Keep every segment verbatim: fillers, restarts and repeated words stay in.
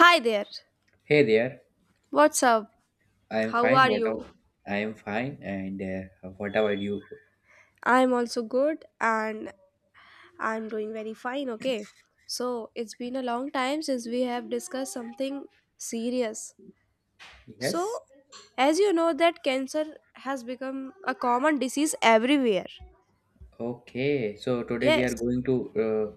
Hi there. Hey there, What's up? I am How fine. are What up? you? I am fine, and uh, what about you? I'm also good and I'm doing very fine, okay? So, it's been a long time since we have discussed something serious. Yes. So, as you know that cancer has become a common disease everywhere. Okay. So today we Yes. are going to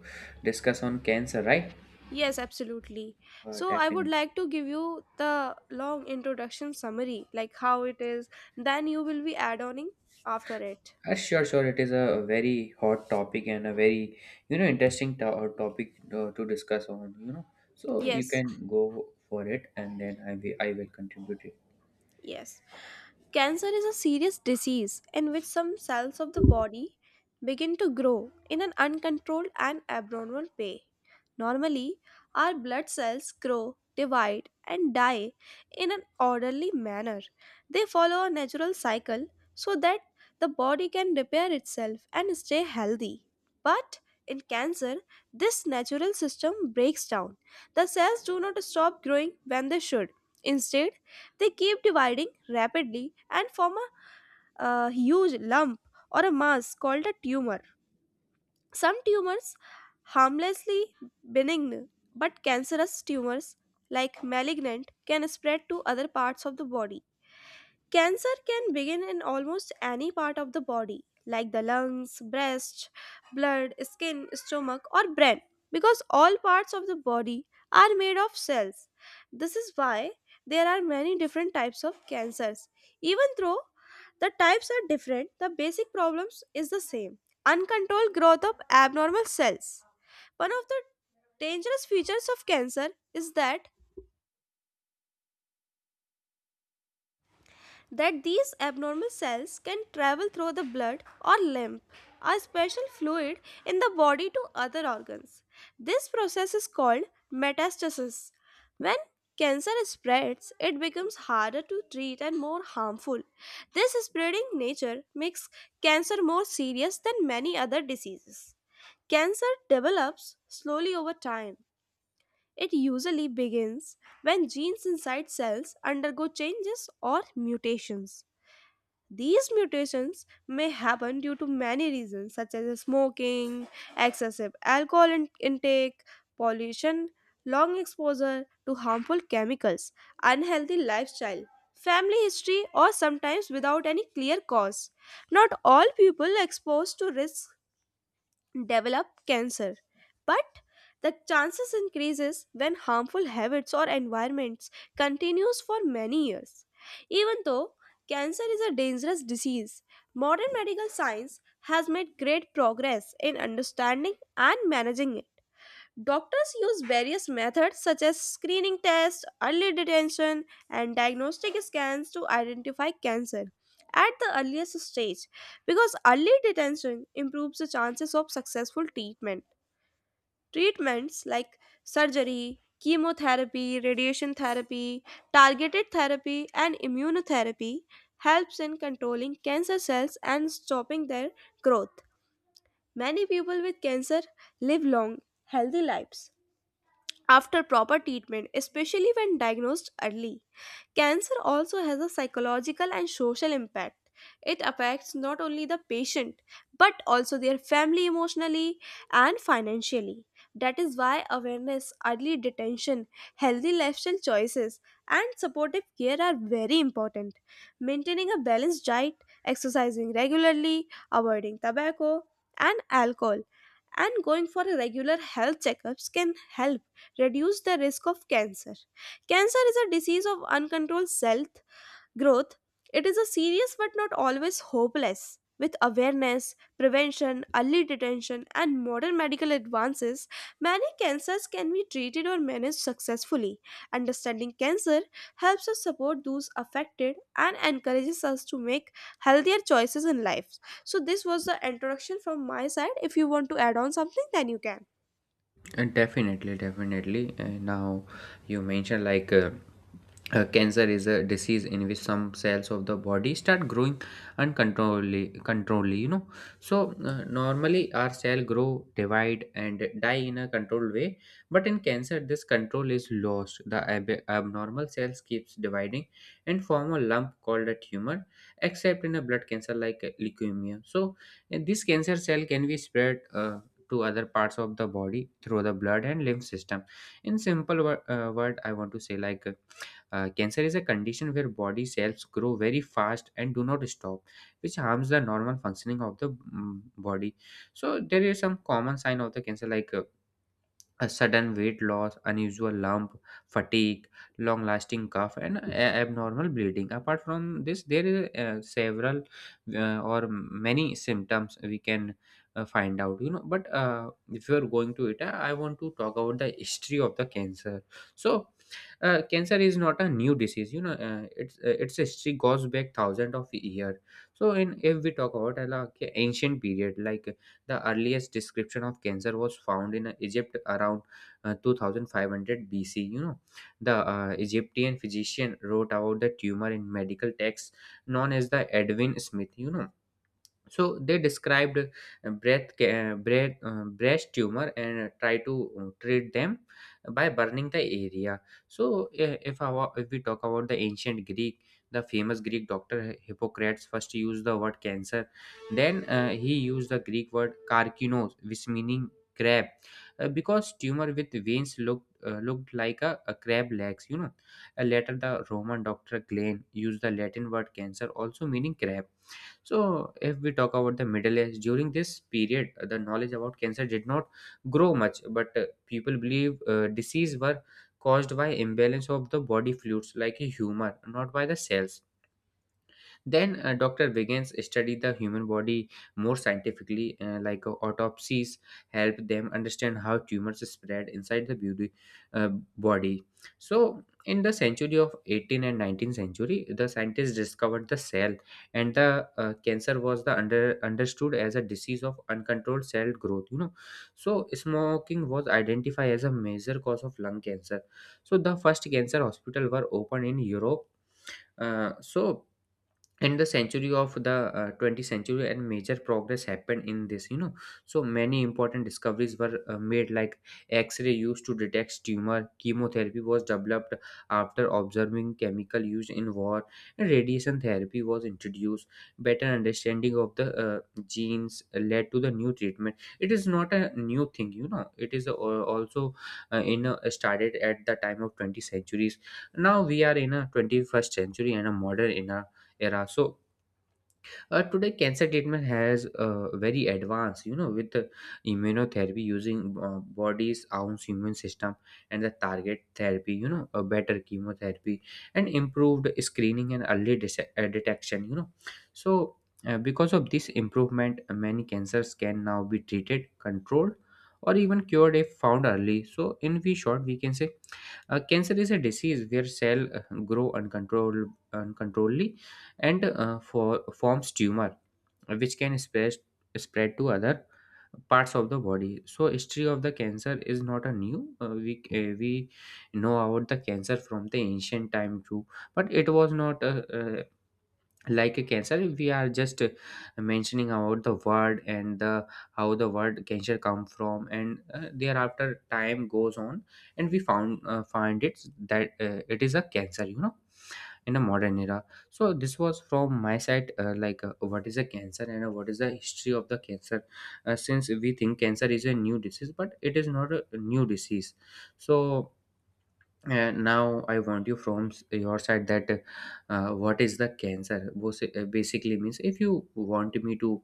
uh, discuss on cancer, right? Yes, absolutely. Uh, So, I would definitely. like to give you the long introduction summary, like how it is, then you will be add-oning after it. Uh, sure, sure. It is a very hot topic and a very you know interesting to- uh, topic uh, to discuss on. You know, so you Yes. can go for it, and then I will I will contribute it. Yes. Cancer is a serious disease in which some cells of the body begin to grow in an uncontrolled and abnormal way. Normally, our blood cells grow, divide, and die in an orderly manner. They follow a natural cycle so that the body can repair itself and stay healthy. But in cancer, this natural system breaks down. The cells do not stop growing when they should. Instead, they keep dividing rapidly and form a uh, huge lump or a mass called a tumor. Some tumors harmlessly benign but cancerous tumors like malignant can spread to other parts of the body. Cancer can begin in almost any part of the body, like the lungs, breast, blood, skin, stomach, or brain, because all parts of the body are made of cells. This is why there are many different types of cancers. Even though the types are different, the basic problems is the same. Uncontrolled growth of abnormal cells. One of the dangerous features of cancer is that That these abnormal cells can travel through the blood or lymph, a special fluid in the body to other organs. This process is called metastasis. When cancer spreads, it becomes harder to treat and more harmful. This spreading nature makes cancer more serious than many other diseases. Cancer develops slowly over time. It usually begins when genes inside cells undergo changes or mutations. These mutations may happen due to many reasons, such as smoking, excessive alcohol in- intake, pollution, long exposure to harmful chemicals, unhealthy lifestyle, family history, or sometimes without any clear cause. Not all people exposed to risks develop cancer, but the chances increases when harmful habits or environments continues for many years. Even though cancer is a dangerous disease, modern medical science has made great progress in understanding and managing. Doctors use various methods such as screening tests, early detection, and diagnostic scans to identify cancer at the earliest stage because early detection improves the chances of successful treatment. Treatments like surgery, chemotherapy, radiation therapy, targeted therapy, and immunotherapy helps in controlling cancer cells and stopping their growth. Many people with cancer live long, healthy lives after proper treatment, especially when diagnosed early. Cancer also has a psychological and social impact. It affects not only the patient but also their family emotionally and financially. That is why awareness, early detention, healthy lifestyle choices, and supportive care are very important. Maintaining a balanced diet, exercising regularly, avoiding tobacco and alcohol and going for a regular health checkups can help reduce the risk of cancer. Cancer is a disease of uncontrolled cell growth. It is a serious but not always hopeless. With awareness, prevention, early detection and modern medical advances, many cancers can be treated or managed successfully. Understanding cancer helps us support those affected and encourages us to make healthier choices in life. So this was the introduction from my side. If you want to add on something, then you can. Uh, Definitely, definitely. Uh, now, you mentioned like uh, uh, cancer is a disease in which some cells of the body start growing uncontrollably. Controlly, you know. So uh, normally our cell grow, divide, and die in a controlled way. But in cancer, this control is lost. The ab- abnormal cells keeps dividing and form a lump called a tumor, except in a blood cancer like uh, leukemia. So and this cancer cell can be spread uh, to other parts of the body through the blood and lymph system. In simple wor- uh, word, I want to say like uh, cancer is a condition where body cells grow very fast and do not stop, which harms the normal functioning of the mm, body. So there is some common sign of the cancer like. Uh, a sudden weight loss, unusual lump, fatigue, long lasting cough, and a- abnormal bleeding. Apart from this, there is uh, several uh, or many symptoms we can uh, find out, you know. But uh, if you are going to it, I I want to talk about the history of the cancer. So, uh, cancer is not a new disease, you know, uh, it's, uh, its history goes back thousands of years. So, in if we talk about uh, like ancient period, like the earliest description of cancer was found in uh, Egypt around uh, two thousand five hundred B C. You know, the uh, Egyptian physician wrote about the tumor in medical texts known as the Edwin Smith. You know, so they described uh, breath ca- uh, breath uh, breast tumor and uh, try to uh, treat them by burning the area. So uh, if our if we talk about the ancient Greek, the famous Greek doctor Hi- Hippocrates first used the word cancer. Then uh, he used the Greek word karkinos, which meaning crab, uh, because tumor with veins looked uh, looked like a, a crab legs, you know. Uh, later the Roman doctor Glenn used the Latin word cancer, also meaning crab. So, if we talk about the Middle Age, during this period, uh, the knowledge about cancer did not grow much, but uh, people believe uh, disease were caused by imbalance of the body fluids like a humor, not by the cells. Then a doctor Wiggins studied the human body more scientifically, uh, like uh, autopsies help them understand how tumors spread inside the beauty, uh, body. So in the century of eighteen and nineteenth century, the scientists discovered the cell, and the uh, cancer was the under understood as a disease of uncontrolled cell growth. You know, so smoking was identified as a major cause of lung cancer. So the first cancer hospital were opened in Europe. Uh, so in the century of the uh, twentieth century and major progress happened in this, you know. So many important discoveries were uh, made, like x-ray used to detect tumor, chemotherapy was developed after observing chemical used in war, and radiation therapy was introduced. Better understanding of the uh, genes led to the new treatment. It is not a new thing, you know, it is uh, also uh, in a, started at the time of twentieth centuries. Now we are in a twenty-first century and a modern era era. So uh, today, cancer treatment has uh, very advanced, you know, with uh, immunotherapy using uh, body's own immune system and the target therapy, you know, a better chemotherapy, and improved screening and early dis- uh, detection, you know. So uh, because of this improvement, many cancers can now be treated, controlled, or even cured if found early. So in we short, we can say uh, cancer is a disease where cell uh, grow uncontrolled uncontrollably, and uh, for, forms tumor, which can spread, spread to other parts of the body. So history of the cancer is not a new, uh, we uh, we know about the cancer from the ancient time too, but it was not uh, uh, like a cancer. We are just uh, mentioning about the word and the how the word cancer come from, and uh, thereafter time goes on, and we found uh, find it that uh, it is a cancer, you know, in a modern era. So this was from my side, uh, like uh, what is a cancer, and uh, what is the history of the cancer. Uh, since we think cancer is a new disease, but it is not a new disease. So uh, now I want you from s- your side that uh, what is the cancer? Basi- uh, Basically means, if you want me to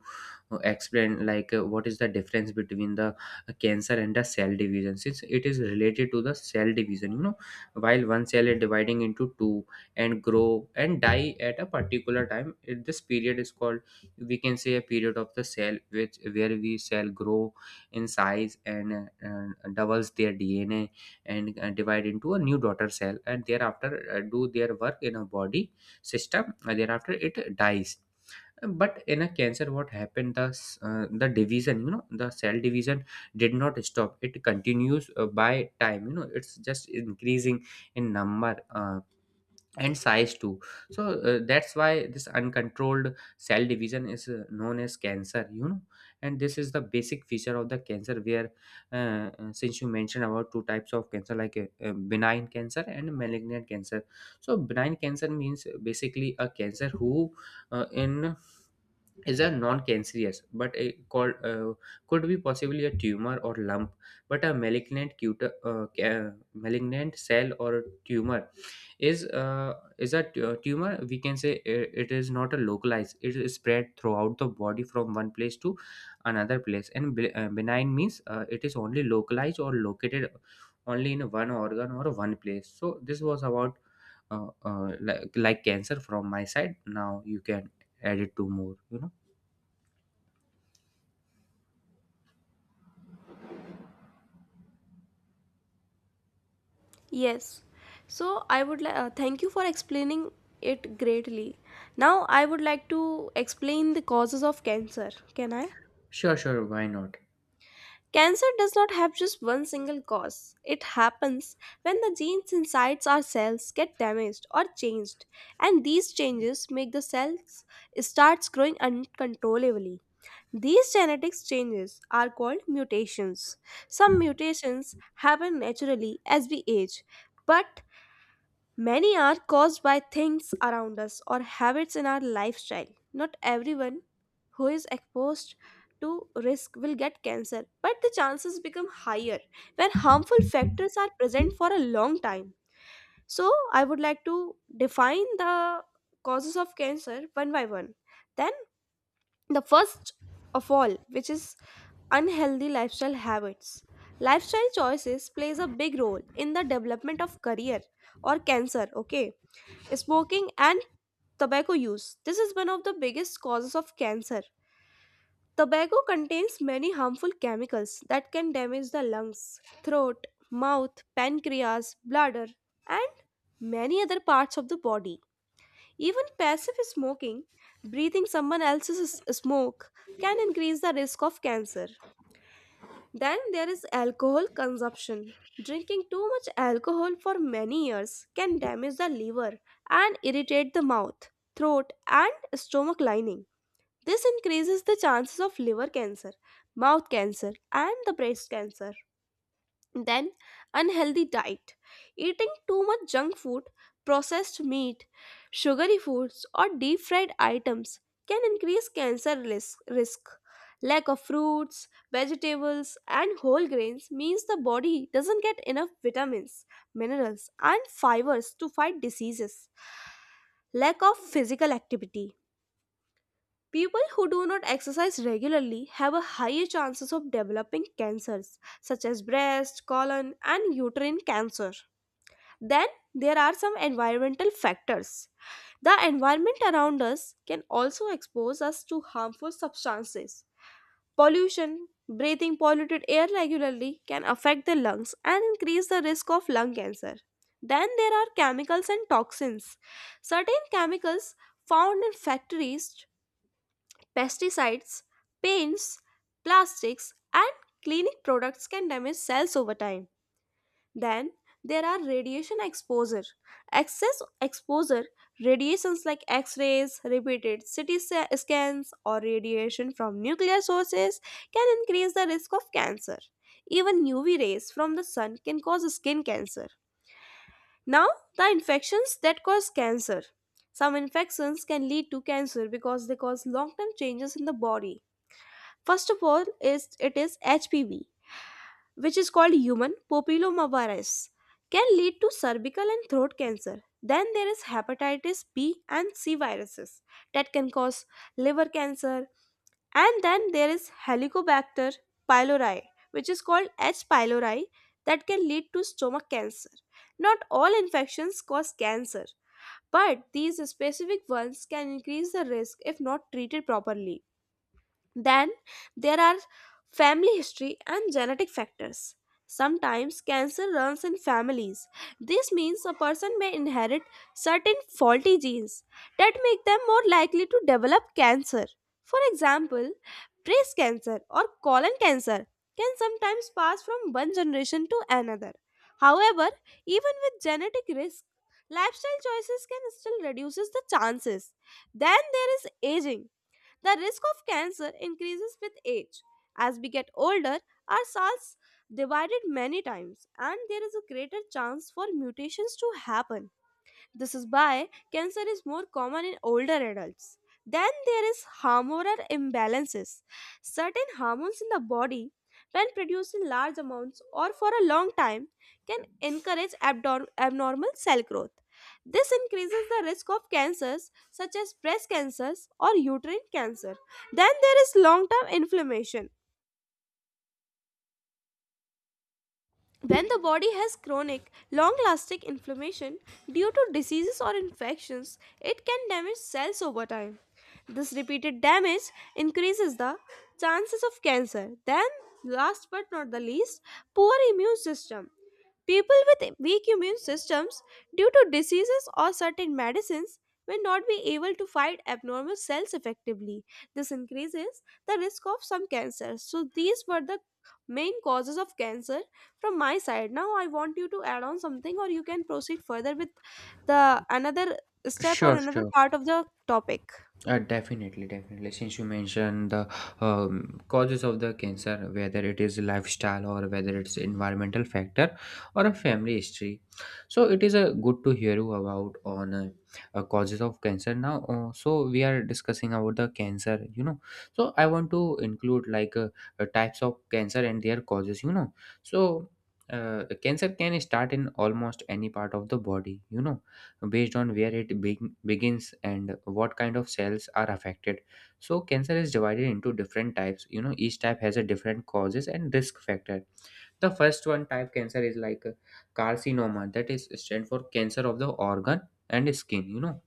uh, explain like uh, what is the difference between the uh, cancer and the cell division, since it is related to the cell division, you know. While one cell is dividing into two and grow and die at a particular time, it, this period is called, we can say a period of the cell which where we cell grow in size, and uh, uh, doubles their D N A, and uh, divide into a new daughter cell, and thereafter uh, do their work in a body system, and thereafter it dies. But in a cancer what happened, the s- uh, the division, you know, the cell division did not stop. It continues uh, by time, you know, it's just increasing in number uh, and size too. So uh, that's why this uncontrolled cell division is uh, known as cancer, you know. And this is the basic feature of the cancer where uh, uh, since you mentioned about two types of cancer like uh, uh, benign cancer and malignant cancer. So benign cancer means basically a cancer who uh, in is a non-cancerous but a called uh, could be possibly a tumor or lump. But a malignant cut- uh, ca- malignant cell or tumor is uh, is a tu- tumor, we can say i- it is not a localized, it is spread throughout the body from one place to another place. And be- uh, benign means uh, it is only localized or located only in one organ or one place. So this was about uh, uh, like, like cancer from my side. Now you can add it to more, you know. Yes. So I would li- uh, thank you for explaining it greatly. Now I would like to explain the causes of cancer. Can I? Sure, sure, why not? Cancer does not have just one single cause. It happens when the genes inside our cells get damaged or changed, and these changes make the cells starts growing uncontrollably. These genetics changes are called mutations. Some mutations happen naturally as we age, but many are caused by things around us or habits in our lifestyle. Not everyone who is exposed to risk will get cancer, but the chances become higher when harmful factors are present for a long time. So, I would like to define the causes of cancer one by one. Then, the first of all, which is unhealthy lifestyle habits. Lifestyle choices plays a big role in the development of career or cancer, okay? Smoking and tobacco use. This is one of the biggest causes of cancer. Tobacco contains many harmful chemicals that can damage the lungs, throat, mouth, pancreas, bladder, and many other parts of the body. Even passive smoking, breathing someone else's smoke, can increase the risk of cancer. Then there is alcohol consumption. Drinking too much alcohol for many years can damage the liver and irritate the mouth, throat, and stomach lining. This increases the chances of liver cancer, mouth cancer, and the breast cancer. Then, unhealthy diet. Eating too much junk food, processed meat, sugary foods, or deep fried items can increase cancer risk. risk. Lack of fruits, vegetables, and whole grains means the body doesn't get enough vitamins, minerals, and fibers to fight diseases. Lack of physical activity. People who do not exercise regularly have a higher chances of developing cancers such as breast, colon and uterine cancer. Then there are some environmental factors. The environment around us can also expose us to harmful substances. Pollution, breathing polluted air regularly can affect the lungs and increase the risk of lung cancer. Then there are chemicals and toxins. Certain chemicals found in factories, pesticides, paints, plastics, and cleaning products can damage cells over time. Then there are radiation exposure. Excess exposure, radiations like X rays, repeated C T sa- scans, or radiation from nuclear sources can increase the risk of cancer. Even U V rays from the sun can cause skin cancer. Now, the infections that cause cancer. Some infections can lead to cancer because they cause long term changes in the body. First of all, is it is H P V, which is called human papillomavirus, can lead to cervical and throat cancer. Then there is hepatitis B and C viruses that can cause liver cancer. And then there is Helicobacter pylori, which is called H. pylori, that can lead to stomach cancer. Not all infections cause cancer, but these specific ones can increase the risk if not treated properly. Then there are family history and genetic factors. Sometimes cancer runs in families. This means a person may inherit certain faulty genes that make them more likely to develop cancer. For example, breast cancer or colon cancer can sometimes pass from one generation to another. However, even with genetic risk, lifestyle choices can still reduces the chances. Then there is aging. The risk of cancer increases with age. As we get older, our cells divided many times and there is a greater chance for mutations to happen. This is why cancer is more common in older adults. Then there is hormonal imbalances. Certain hormones in the body, when produced in large amounts or for a long time, can encourage abdor- abnormal cell growth. This increases the risk of cancers such as breast cancers or uterine cancer. Then there is long term inflammation. When the body has chronic, long lasting inflammation due to diseases or infections, it can damage cells over time. This repeated damage increases the chances of cancer. Then, last but not the least, poor immune system. People with weak immune systems due to diseases or certain medicines may not be able to fight abnormal cells effectively. This increases the risk of some cancers. So, these were the main causes of cancer from my side. Now, I want you to add on something, or you can proceed further with the another step or Sure, another sure. part of the topic. Uh, definitely, definitely. Since you mentioned the um, causes of the cancer, whether it is lifestyle or whether it's environmental factor or a family history, so it is a good to hear you about on uh, uh, causes of cancer now. Uh, so we are discussing about the cancer, you know. So I want to include like uh, uh, types of cancer and their causes, you know. So uh, cancer can start in almost any part of the body, you know, based on where it beg- begins and what kind of cells are affected. So cancer is divided into different types, you know, each type has a different causes and risk factor. The first one type cancer is like uh, carcinoma, that is stand for cancer of the organ and skin, you know.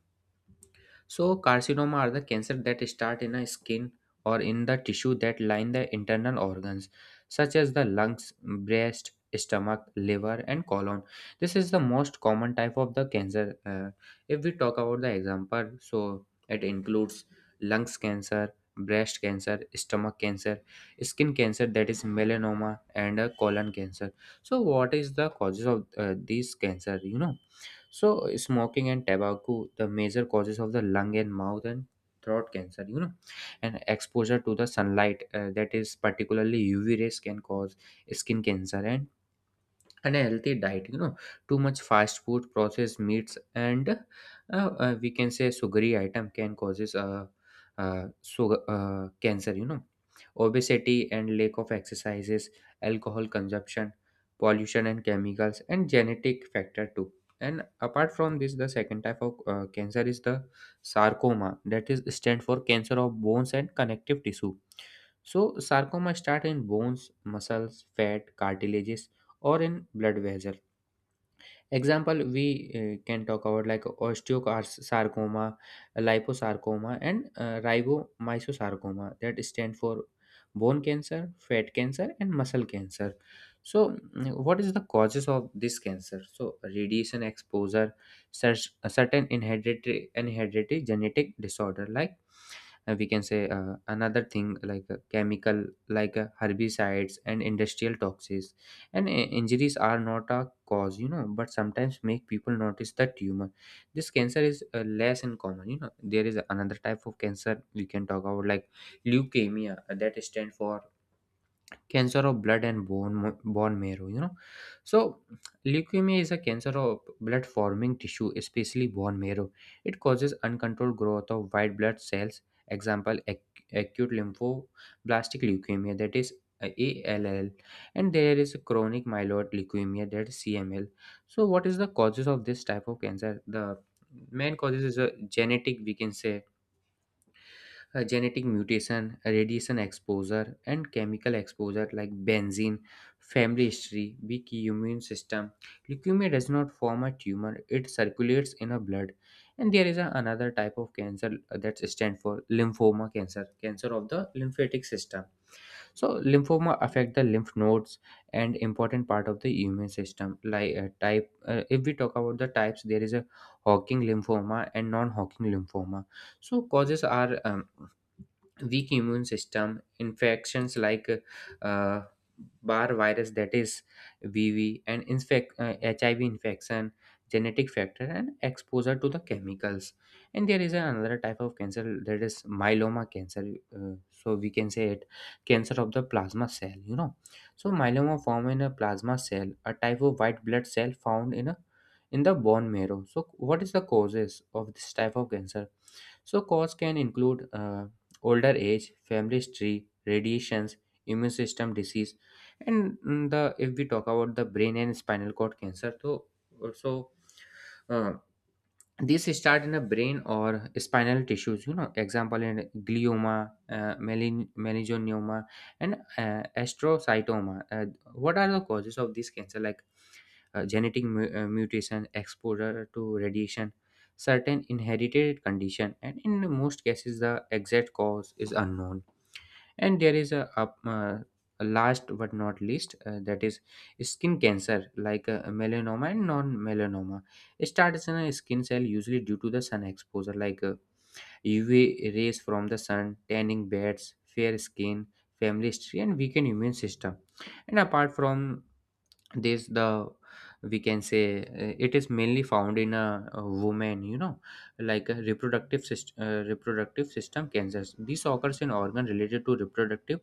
So carcinoma are the cancer that start in a skin or in the tissue that line the internal organs, such as the lungs, breast, stomach, liver, and colon. This is the most common type of the cancer. Uh, if we talk about the example, so it includes lungs cancer, breast cancer, stomach cancer, skin cancer that is melanoma, and uh, colon cancer. So, what is the causes of uh, these cancer? You know so, smoking and tobacco, the major causes of the lung and mouth and throat cancer, you know, and exposure to the sunlight, uh, that is particularly U V rays, can cause skin cancer and and healthy diet you know Too much fast food, processed meats, and uh, uh, we can say sugary item can causes uh, uh, sugar, uh, cancer you know Obesity and lack of exercises, alcohol consumption, pollution and chemicals, and genetic factor too. And apart from this, the second type of uh, cancer is the sarcoma, that is stand for cancer of bones and connective tissue. So sarcoma start in bones, muscles, fat, cartilages, or in blood vessel. Example, we uh, can talk about, like, osteosarcoma, liposarcoma, and uh, ribomyosarcoma, that stand for bone cancer, fat cancer, and muscle cancer. So, mm, what is the causes of this cancer? So, radiation exposure, such a certain inherited inherited genetic disorder, like, uh, we can say, uh, another thing like uh, chemical like uh, herbicides and industrial toxins, and uh, injuries are not a cause, you know but sometimes make people notice the tumor. This cancer is uh, less in common you know There is another type of cancer we can talk about, like leukemia, uh, that stands for cancer of blood and bone mo- bone marrow you know So leukemia is a cancer of blood forming tissue, especially bone marrow. It causes uncontrolled growth of white blood cells. Example, ac- acute lymphoblastic leukemia, that is uh, A L L, and there is a chronic myeloid leukemia, that is C M L. So what is the causes of this type of cancer? The main causes is a genetic, we can say, uh, genetic mutation, radiation exposure, and chemical exposure like benzene, family history, weak immune system. Leukemia does not form a tumor, it circulates in a blood. And there is a, another type of cancer, uh, that stands for lymphoma cancer, cancer of the lymphatic system. So lymphoma affect the lymph nodes and important part of the immune system. Like, uh, type, uh, if we talk about the types, there is a Hawking lymphoma and non-Hawking lymphoma. So causes are um, weak immune system, infections like uh, bar virus, that is vv, and infect, uh, H I V infection, genetic factor, and exposure to the chemicals. And there is another type of cancer, that is myeloma cancer. Uh, so we can say it cancer of the plasma cell you know So myeloma form in a plasma cell, a type of white blood cell found in a, in the bone marrow. So what is the causes of this type of cancer? So, cause can include uh, older age, family history, radiations, immune system disease, and mm, the, if we talk about the brain and spinal cord cancer, so also, uh, this start in the brain or spinal tissues. You know, example in glioma, uh, melin- meningioma, and uh, astrocytoma. Uh, what are the causes of this cancer? Like, uh, genetic mu- uh, mutation, exposure to radiation, certain inherited condition, and in most cases, the exact cause is unknown. And there is a, up- uh, a last but not least, uh, that is skin cancer, like uh, melanoma and non-melanoma. It starts in a skin cell, usually due to the sun exposure, like uh, U V rays from the sun, tanning beds, fair skin, family history, and weakened immune system. And apart from this, the, we can say, uh, it is mainly found in a, a woman you know Like a reproductive system, uh, reproductive system cancers. This occurs in organ related to reproductive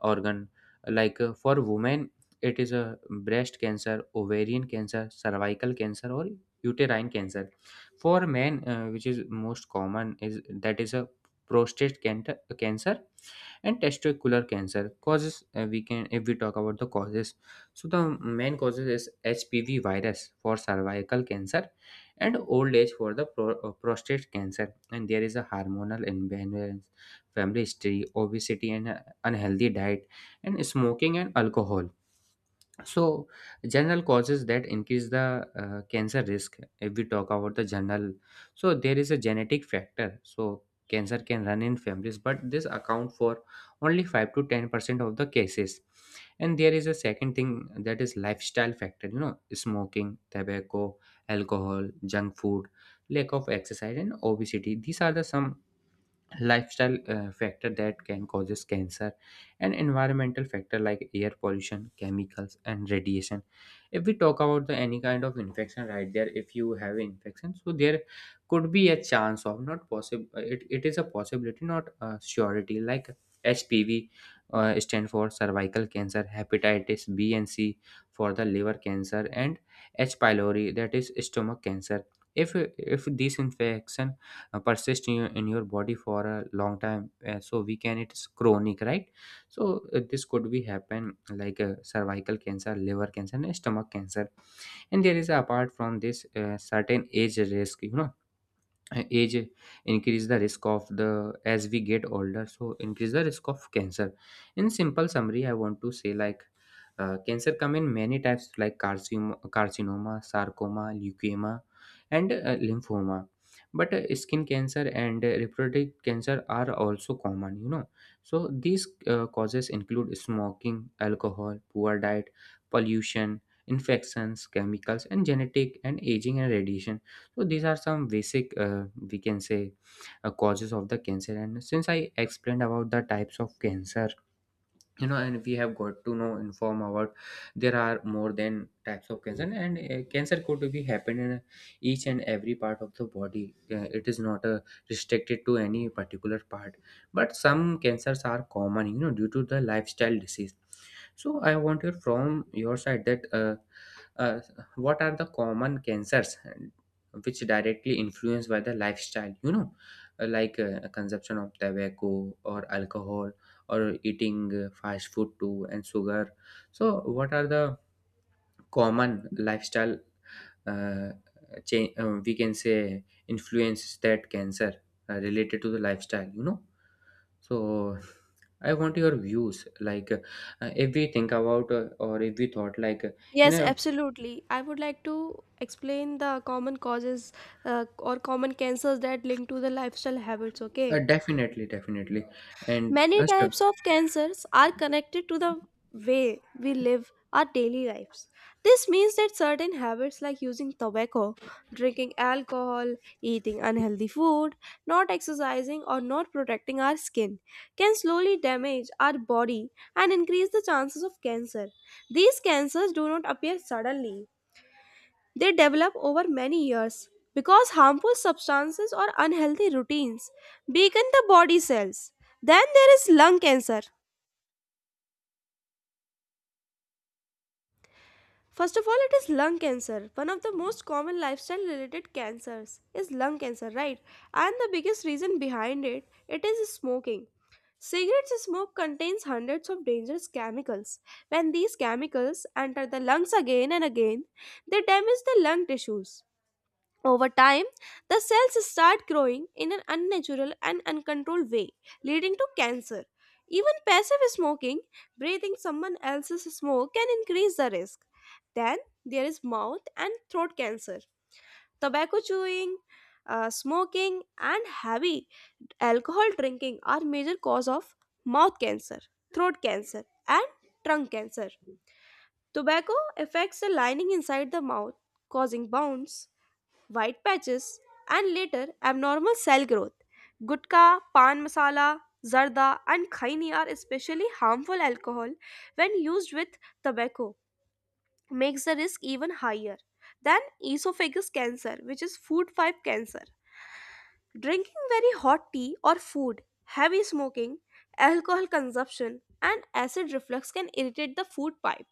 organ. Like, uh, for women, it is a breast cancer, ovarian cancer, cervical cancer, or uterine cancer. For men, uh, which is most common is that is a prostate cancer cancer and testicular cancer. Causes, uh, we can, if we talk about the causes, so the main causes is H P V virus for cervical cancer, and old age for the pro- uh, prostate cancer. And there is a hormonal imbalance, family history, obesity, and uh, unhealthy diet, and smoking and alcohol. So general causes that increase the uh, cancer risk, if we talk about the general, so there is a genetic factor. So cancer can run in families, but this account for only five to ten percent of the cases. And there is a second thing, that is lifestyle factor, you know smoking, tobacco, alcohol, junk food, lack of exercise, and obesity. These are the some lifestyle uh, factor that can causes cancer. And environmental factor like air pollution, chemicals, and radiation. If we talk about the any kind of infection, right, there, if you have infection, so there could be a chance of, not possible, it, it is a possibility, not a surety, like H P V, uh, stand for cervical cancer, hepatitis b and c for the liver cancer, and h pylori, that is stomach cancer. If if these infection uh, persist in your, in your body for a long time, uh, so we can, it's chronic, right? So uh, this could be happen, like, uh, cervical cancer, liver cancer, and stomach cancer. And there is, apart from this, uh, certain age risk. You know age increase the risk of the, as we get older, so increase the risk of cancer. In simple summary I want to say, like, uh, cancer come in many types like carcinoma, carcinoma sarcoma, leukemia, and uh, lymphoma. But uh, skin cancer and uh, reproductive cancer are also common, you know. So these uh, causes include smoking, alcohol, poor diet, pollution, infections, chemicals, and genetic, and aging, and radiation. So these are some basic, uh, we can say, uh, causes of the cancer. And since I explained about the types of cancer, you know, and we have got to know inform about, there are more than types of cancer, and uh, cancer could be happen in each and every part of the body. Uh, it is not uh, restricted to any particular part, but some cancers are common, you know, due to the lifestyle disease. So I want you from your side that, uh, uh, what are the common cancers and which directly influenced by the lifestyle, you know, uh, like, uh, consumption of tobacco, or alcohol, or eating, uh, fast food too and sugar. So what are the common lifestyle, uh, change, uh, we can say, influence, that cancer, uh, related to the lifestyle, you know? So I want your views, like, uh, if we think about, uh, or if we thought like, uh, you Yes, know, absolutely. I would like to explain the common causes uh, or common cancers that link to the lifestyle habits. uh, Okay. definitely, definitely, and Many uh, sure. types of cancers are connected to the way we live our daily lives. This means that certain habits like using tobacco, drinking alcohol, eating unhealthy food, not exercising, or not protecting our skin can slowly damage our body and increase the chances of cancer. These cancers do not appear suddenly, they develop over many years because harmful substances or unhealthy routines weaken the body cells. Then there is lung cancer. First of all, it is lung cancer. One of the most common lifestyle related cancers is lung cancer, right? And the biggest reason behind it, it is smoking. Cigarettes smoke contains hundreds of dangerous chemicals. When these chemicals enter the lungs again and again, they damage the lung tissues. Over time, the cells start growing in an unnatural and uncontrolled way, leading to cancer. Even passive smoking, breathing someone else's smoke, can increase the risk. Then there is mouth and throat cancer. Tobacco chewing, uh, smoking, and heavy alcohol drinking are major cause of mouth cancer, throat cancer, and trunk cancer. Tobacco affects the lining inside the mouth, causing bounce white patches, and later abnormal cell growth. Gutka, pan masala, zarda, and khaini are especially harmful alcohol when used with tobacco, makes the risk even higher than esophagus cancer, which is food pipe cancer. Drinking very hot tea or food, heavy smoking, alcohol consumption, and acid reflux can irritate the food pipe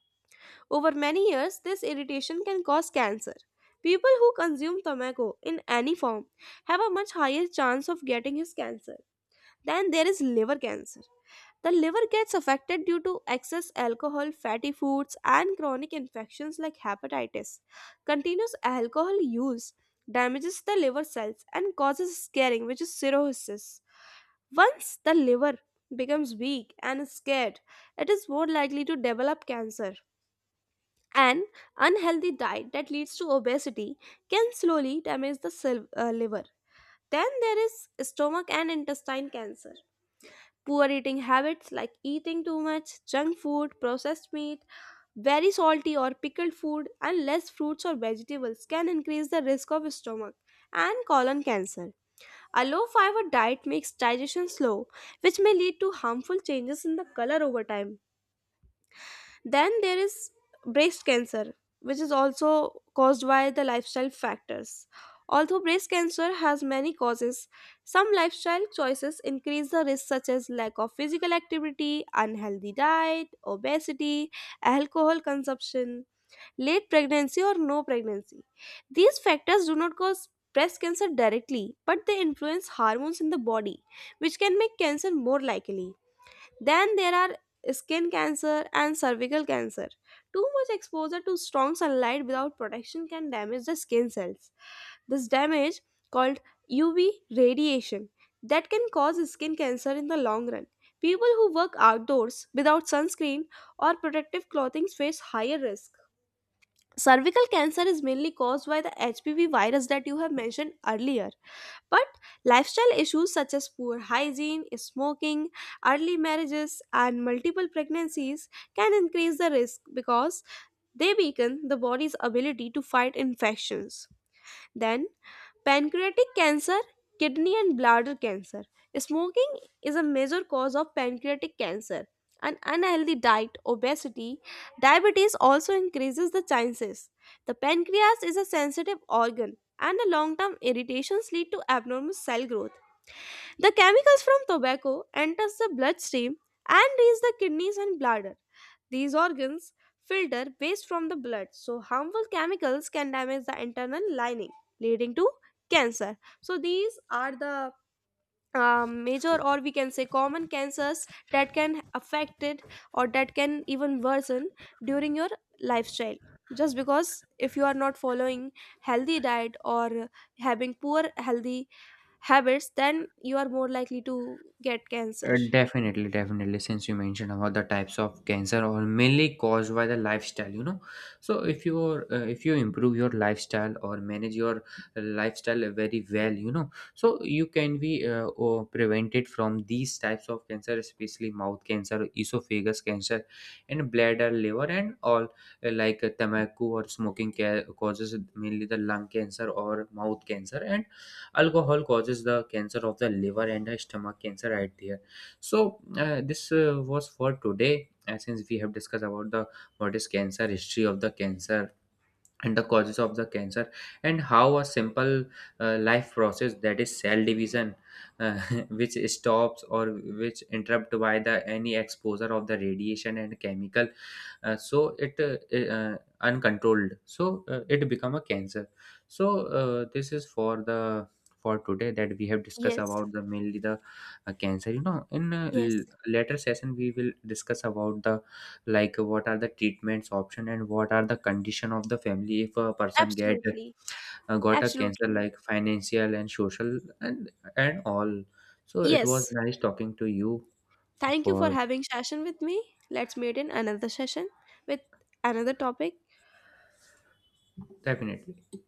over many years, this irritation can cause cancer. People who consume tobacco in any form have a much higher chance of getting his cancer. Then there is liver cancer. The liver gets affected due to excess alcohol, fatty foods, and chronic infections like hepatitis. Continuous alcohol use damages the liver cells and causes scarring, which is cirrhosis. Once the liver becomes weak and is scared, it is more likely to develop cancer. An unhealthy diet that leads to obesity can slowly damage the sil- uh, liver. Then there is stomach and intestine cancer. Poor eating habits like eating too much junk food, processed meat, very salty or pickled food, and less fruits or vegetables can increase the risk of stomach and colon cancer. A low fiber diet makes digestion slow, which may lead to harmful changes in the color over time. Then there is breast cancer, which is also caused by the lifestyle factors. Although breast cancer has many causes, some lifestyle choices increase the risk, such as lack of physical activity, unhealthy diet, obesity, alcohol consumption, late pregnancy, or no pregnancy. These factors do not cause breast cancer directly, but they influence hormones in the body, which can make cancer more likely. Then there are skin cancer and cervical cancer. Too much exposure to strong sunlight without protection can damage the skin cells. This damage, called U V radiation, that can cause skin cancer in the long run. People who work outdoors without sunscreen or protective clothing face higher risk. Cervical cancer is mainly caused by the H P V virus that you have mentioned earlier. But lifestyle issues such as poor hygiene, smoking, early marriages, and multiple pregnancies can increase the risk because they weaken the body's ability to fight infections. Then, pancreatic cancer, kidney, and bladder cancer. Smoking is a major cause of pancreatic cancer. An unhealthy diet, obesity, diabetes also increases the chances. The pancreas is a sensitive organ, and the long-term irritations lead to abnormal cell growth. The chemicals from tobacco enters the bloodstream and reach the kidneys and bladder. These organs filter waste from the blood, so harmful chemicals can damage the internal lining, leading to cancer. So, these are the uh, major or we can say common cancers that can affect it or that can even worsen during your lifestyle just because if you are not following healthy diet or having poor healthy habits then you are more likely to get cancer. Uh, Definitely, definitely. Since you mentioned about the types of cancer are mainly caused by the lifestyle, you know. So if you uh, if you improve your lifestyle or manage your lifestyle very well, you know, so you can be uh, or prevented from these types of cancer, especially mouth cancer, esophagus cancer, and bladder, liver, and all, uh, like uh, tobacco or smoking ca- causes mainly the lung cancer or mouth cancer, and alcohol causes the cancer of the liver and the stomach cancer, right there. So uh, this uh, was for today, uh, since we have discussed about the, what is cancer, history of the cancer, and the causes of the cancer, and how a simple uh, life process, that is cell division, uh, which stops or which interrupt by the any exposure of the radiation and chemical, uh, so it uh, uh, uncontrolled, so uh, it become a cancer. So uh, this is for the, for today, that we have discussed Yes, about, the mainly the uh, cancer, you know. In uh, l- yes, later session we will discuss about the, like, uh, what are the treatments option and what are the condition of the family if a person get absolutely, uh, got a cancer, absolutely. like financial and social, and and all. So it was Yes, nice talking to you, thank you for for, having session with me. Let's meet in another session with another topic. definitely.